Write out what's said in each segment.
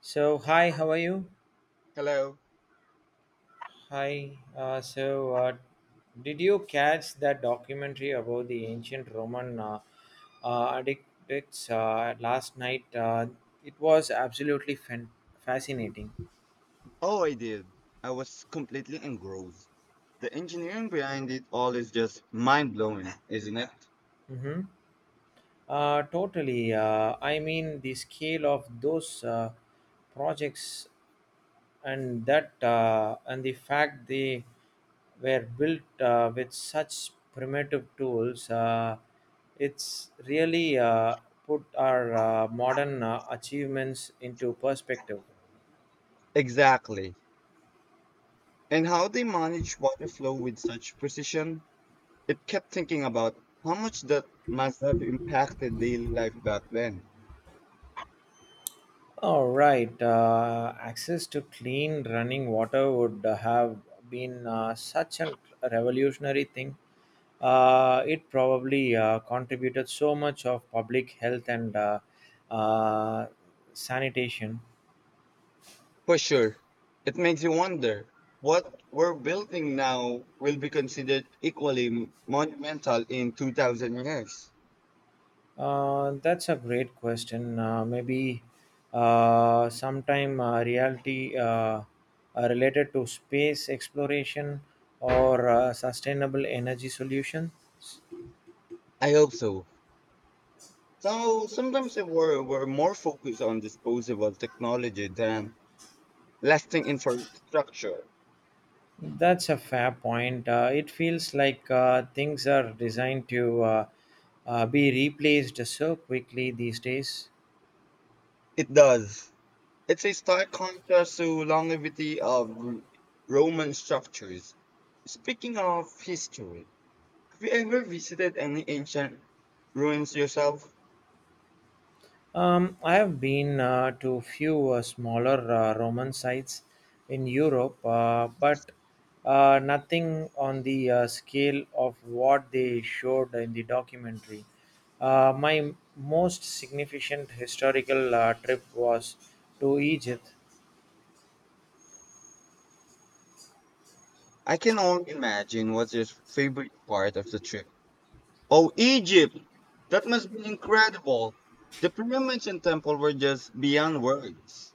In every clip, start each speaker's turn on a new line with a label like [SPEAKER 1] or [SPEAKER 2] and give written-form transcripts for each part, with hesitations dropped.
[SPEAKER 1] So, hi, how are you?
[SPEAKER 2] Hello.
[SPEAKER 1] Hi. Did you catch that documentary about the ancient Roman addicts last night? It was absolutely fascinating.
[SPEAKER 2] Oh, I did. I was completely engrossed. The engineering behind it all is just mind blowing, isn't it?
[SPEAKER 1] Mm-hmm. Totally. I mean, the scale of those projects and that and the fact they were built with such primitive tools, it's really put our modern achievements into perspective.
[SPEAKER 2] Exactly. And how they manage water flow with such precision. It kept thinking about how much that must have impacted daily life back then.
[SPEAKER 1] All right, access to clean running water would have been such a revolutionary thing. It probably contributed so much of public health and uh, sanitation.
[SPEAKER 2] For sure. It makes you wonder what we're building now will be considered equally monumental in 2000 years.
[SPEAKER 1] That's a great question. Maybe sometime reality related to space exploration or sustainable energy solution.
[SPEAKER 2] I hope so. So sometimes we're more focused on disposable technology than lasting infrastructure.
[SPEAKER 1] That's a fair point. It feels like things are designed to be replaced so quickly these days.
[SPEAKER 2] It does. It's a stark contrast to longevity of Roman structures. Speaking of history, have you ever visited any ancient ruins yourself?
[SPEAKER 1] I have been to few smaller Roman sites in Europe, but nothing on the scale of what they showed in the documentary. My most significant historical trip was to Egypt.
[SPEAKER 2] I can only imagine what's your favorite part of the trip. Oh, Egypt! That must be incredible. The pyramids and temple were just beyond words.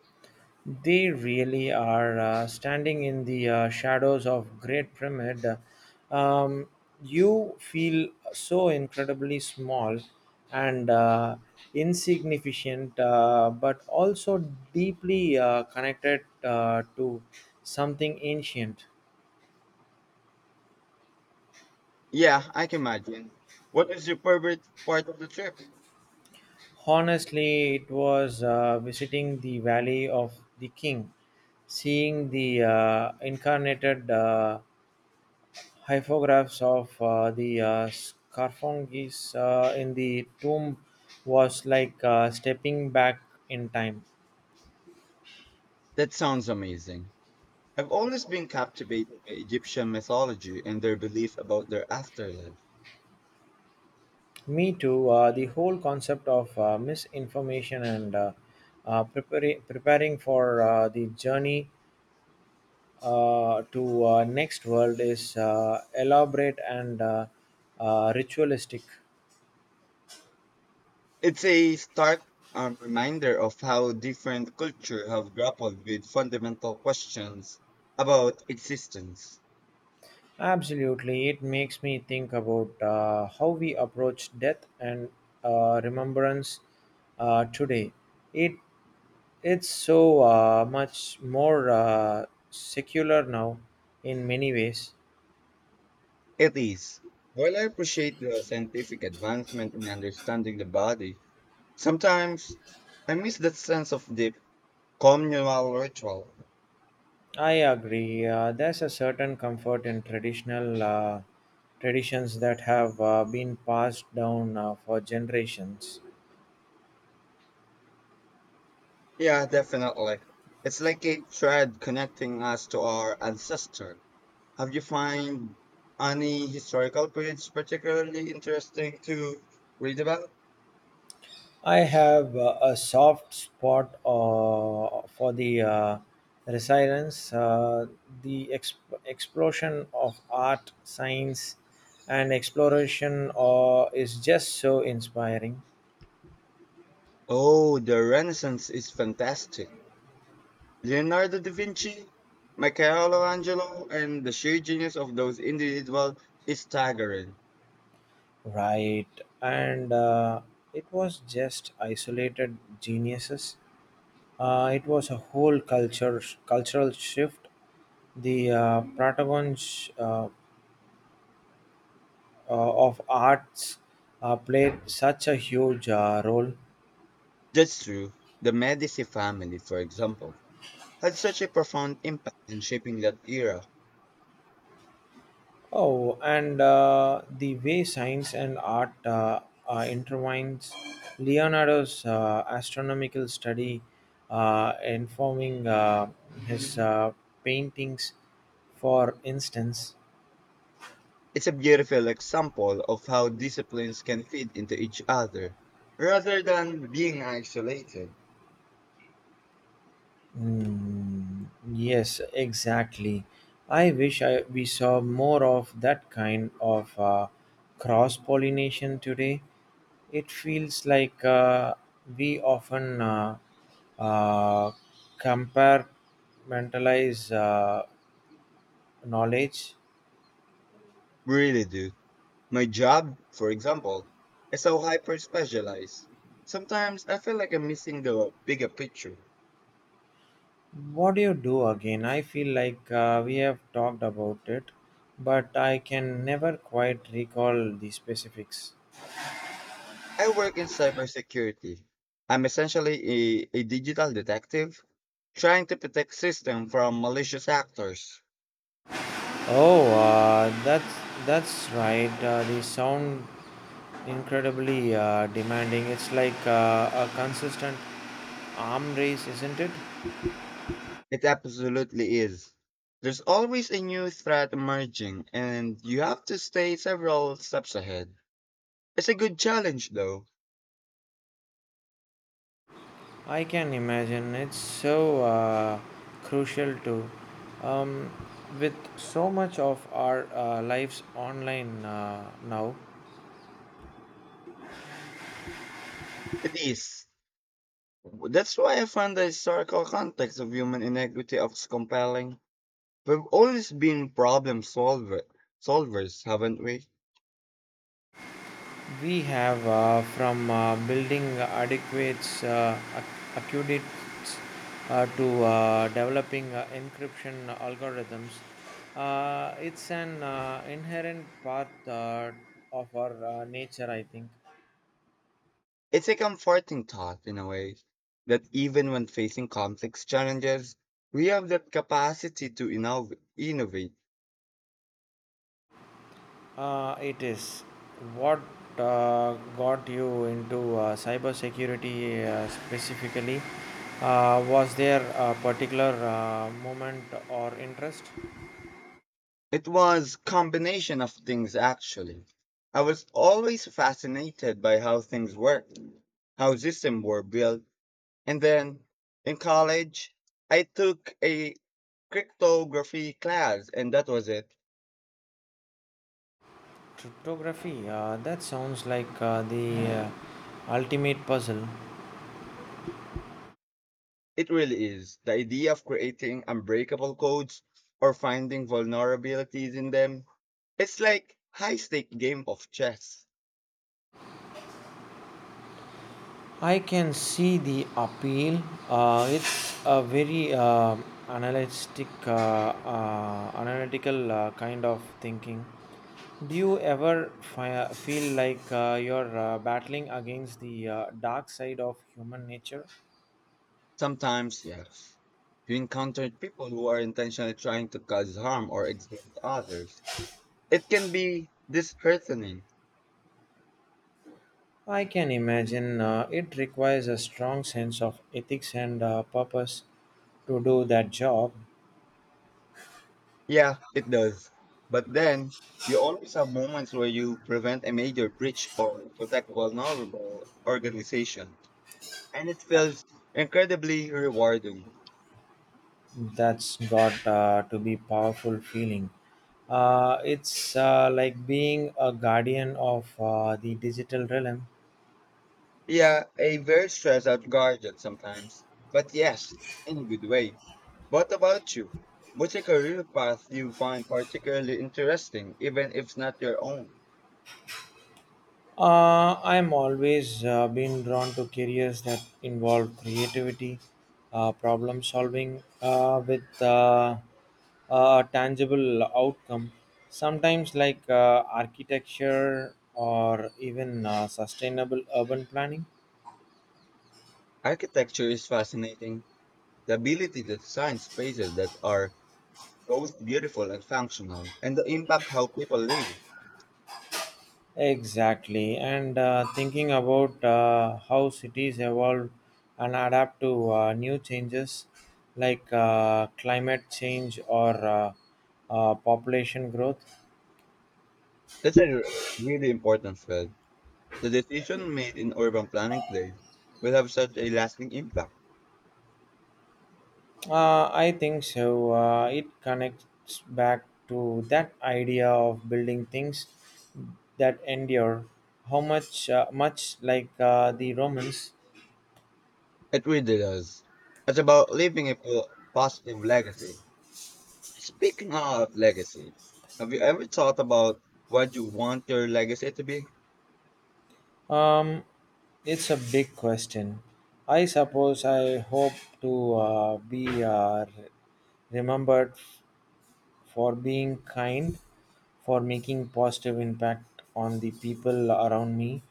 [SPEAKER 1] They really are, standing in the shadows of Great Pyramid. Um, you feel so incredibly small and insignificant, but also deeply connected to something ancient.
[SPEAKER 2] Yeah, I can imagine. What is your favorite part of the trip?
[SPEAKER 1] Honestly, it was visiting the Valley of the King, seeing the incarnated hieroglyphs of the sarcophagus in the tomb was like stepping back in time.
[SPEAKER 2] That sounds amazing. I've always been captivated by Egyptian mythology and their belief about their afterlife.
[SPEAKER 1] Me too. The whole concept of misinformation and preparing for the journey to next world is elaborate and ritualistic.
[SPEAKER 2] It's a stark reminder of how different cultures have grappled with fundamental questions about existence.
[SPEAKER 1] Absolutely. It makes me think about how we approach death and remembrance today. It It's so much more secular now in many ways.
[SPEAKER 2] It is. While I appreciate the scientific advancement in understanding the body, sometimes I miss that sense of deep communal ritual.
[SPEAKER 1] I agree. There's a certain comfort in traditional traditions that have been passed down for generations.
[SPEAKER 2] Yeah, definitely. It's like a thread connecting us to our ancestor. Have you find any historical periods particularly interesting to read about?
[SPEAKER 1] I have a soft spot for the resilience, the explosion of art, science, and exploration is just so inspiring,
[SPEAKER 2] Oh, the Renaissance is fantastic. Leonardo da Vinci, Michelangelo, and the sheer genius of those individuals is staggering.
[SPEAKER 1] right? And it was just isolated geniuses. It was a whole culture cultural shift, the protagonists, of arts played such a huge role.
[SPEAKER 2] That's true. The Medici family, for example, had such a profound impact in shaping that era.
[SPEAKER 1] Oh, and the way science and art intertwines, Leonardo's astronomical study informing his paintings, for instance.
[SPEAKER 2] It's a beautiful example of how disciplines can fit into each other rather than being isolated.
[SPEAKER 1] Mm, yes, exactly. We saw more of that kind of cross pollination today. It feels like we often uh, compartmentalize knowledge.
[SPEAKER 2] Really, dude. My job, for example, is so hyper specialized. Sometimes I feel like I'm missing the bigger picture.
[SPEAKER 1] What do you do again? I feel like we have talked about it, but I can never quite recall the specifics.
[SPEAKER 2] I work in cybersecurity. I'm essentially a digital detective trying to protect systems from malicious actors.
[SPEAKER 1] Oh, that's right. The sound incredibly demanding. It's like a consistent arm race, isn't it?
[SPEAKER 2] It absolutely is. There's always a new threat emerging, and you have to stay several steps ahead. It's a good challenge, though.
[SPEAKER 1] I can imagine. It's so crucial to, um, with so much of our lives online now.
[SPEAKER 2] It is. That's why I find the historical context of human inequity of compelling. We've always been solvers, haven't we?
[SPEAKER 1] We have, from building adequate aqueducts to developing encryption algorithms. It's an inherent part of our nature, I think.
[SPEAKER 2] It's a comforting thought, in a way, that even when facing complex challenges, we have that capacity to innovate.
[SPEAKER 1] It is. What got you into cybersecurity specifically? Was there a particular moment or interest?
[SPEAKER 2] It was combination of things actually. I was always fascinated by how things worked, how systems were built, and then in college I took a cryptography class and that was it.
[SPEAKER 1] Cryptography, that sounds like the ultimate puzzle.
[SPEAKER 2] It really is. The idea of creating unbreakable codes or finding vulnerabilities in them. It's like high stake game of chess.
[SPEAKER 1] I can see the appeal. It's a very analytical kind of thinking. Do you ever feel like you're battling against the dark side of human nature?
[SPEAKER 2] Sometimes yes. You encounter people who are intentionally trying to cause harm or exploit others. It can be disheartening.
[SPEAKER 1] I can imagine it requires a strong sense of ethics and purpose to do that job.
[SPEAKER 2] Yeah, it does. But then you always have moments where you prevent a major breach or protect vulnerable organization. And it feels incredibly rewarding.
[SPEAKER 1] That's got to be powerful feeling. It's like being a guardian of the digital realm.
[SPEAKER 2] Yeah, a very stressed out guardian sometimes, but yes, in a good way. What about you? What's a career path you find particularly interesting, even if it's not your own?
[SPEAKER 1] I'm always been drawn to careers that involve creativity, problem solving with a tangible outcome. Sometimes like architecture or even sustainable urban planning.
[SPEAKER 2] Architecture is fascinating. The ability to design spaces that are both beautiful and functional, and the impact how people live.
[SPEAKER 1] Exactly, and thinking about how cities evolve and adapt to new changes like climate change or population growth.
[SPEAKER 2] That's a really important field. The decision made in urban planning today will have such a lasting impact.
[SPEAKER 1] I think so. It connects back to that idea of building things that endure. Much like the Romans.
[SPEAKER 2] It really does. It's about leaving a positive legacy. Speaking of legacy, have you ever thought about what you want your legacy to be?
[SPEAKER 1] Um, it's a big question. I suppose I hope to be remembered for being kind, for making positive impact on the people around me,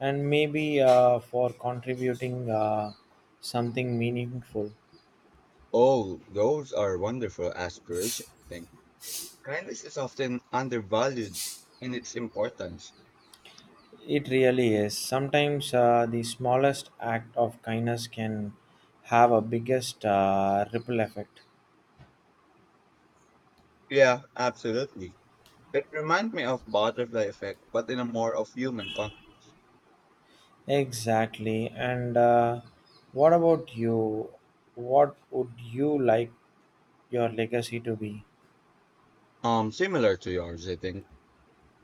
[SPEAKER 1] and maybe for contributing something meaningful.
[SPEAKER 2] Oh, those are wonderful aspirations, I think. Kindness is often undervalued in its importance.
[SPEAKER 1] It really is. Sometimes the smallest act of kindness can have a biggest ripple effect.
[SPEAKER 2] Yeah, absolutely. It reminds me of butterfly effect, but in a more of human context.
[SPEAKER 1] Exactly. And what about you? What would you like your legacy to be?
[SPEAKER 2] Similar to yours, I think.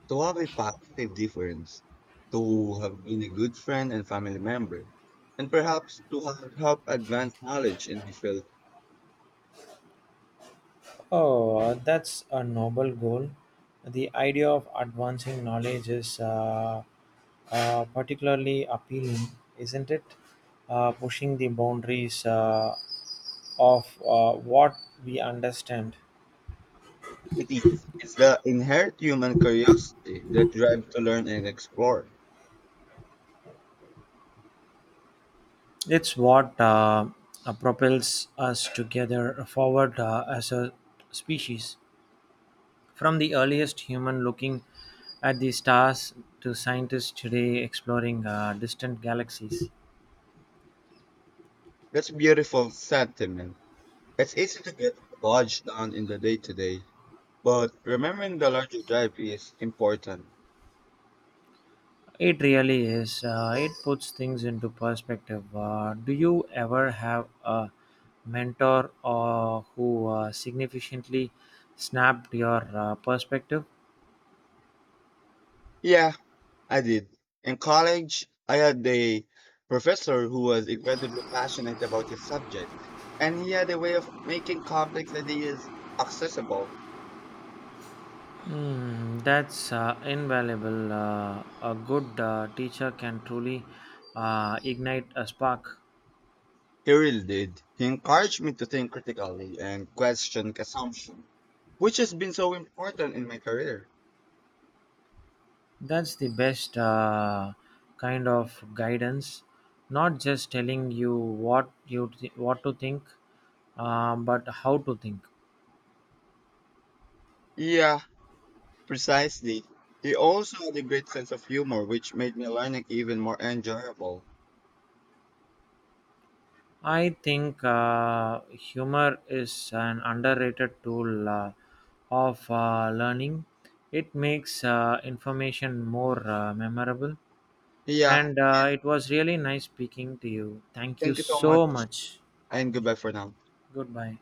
[SPEAKER 2] To have a positive difference, to have been a good friend and family member, and perhaps to have helped advance knowledge and different
[SPEAKER 1] Oh, that's a noble goal. The idea of advancing knowledge is particularly appealing, isn't it? Pushing the boundaries of what we understand.
[SPEAKER 2] cities. It's the inherent human curiosity that drives to learn and explore.
[SPEAKER 1] It's what propels us together forward as a species. From the earliest human looking at the stars to scientists today exploring distant galaxies,
[SPEAKER 2] That's a beautiful sentiment. It's easy to get bogged down in the day to day, but remembering the larger drive is important.
[SPEAKER 1] it really is. It puts things into perspective. Do you ever have a mentor or who significantly snapped your perspective?
[SPEAKER 2] Yeah, I did. In college, I had a professor who was incredibly passionate about his subject, and he had a way of making complex ideas accessible.
[SPEAKER 1] Mm, that's invaluable. A good teacher can truly ignite a spark.
[SPEAKER 2] He really did. He encouraged me to think critically and question assumptions, which has been so important in my career.
[SPEAKER 1] That's the best kind of guidance, not just telling you what to think, but how to think.
[SPEAKER 2] Yeah, precisely. He also had a great sense of humor, which made my learning even more enjoyable.
[SPEAKER 1] I think humor is an underrated tool of learning. It makes information more memorable.
[SPEAKER 2] Yeah,
[SPEAKER 1] And
[SPEAKER 2] and
[SPEAKER 1] it was really nice speaking to you. Thank you
[SPEAKER 2] thank you so
[SPEAKER 1] so
[SPEAKER 2] much,
[SPEAKER 1] much.
[SPEAKER 2] and goodbye for now.
[SPEAKER 1] Goodbye.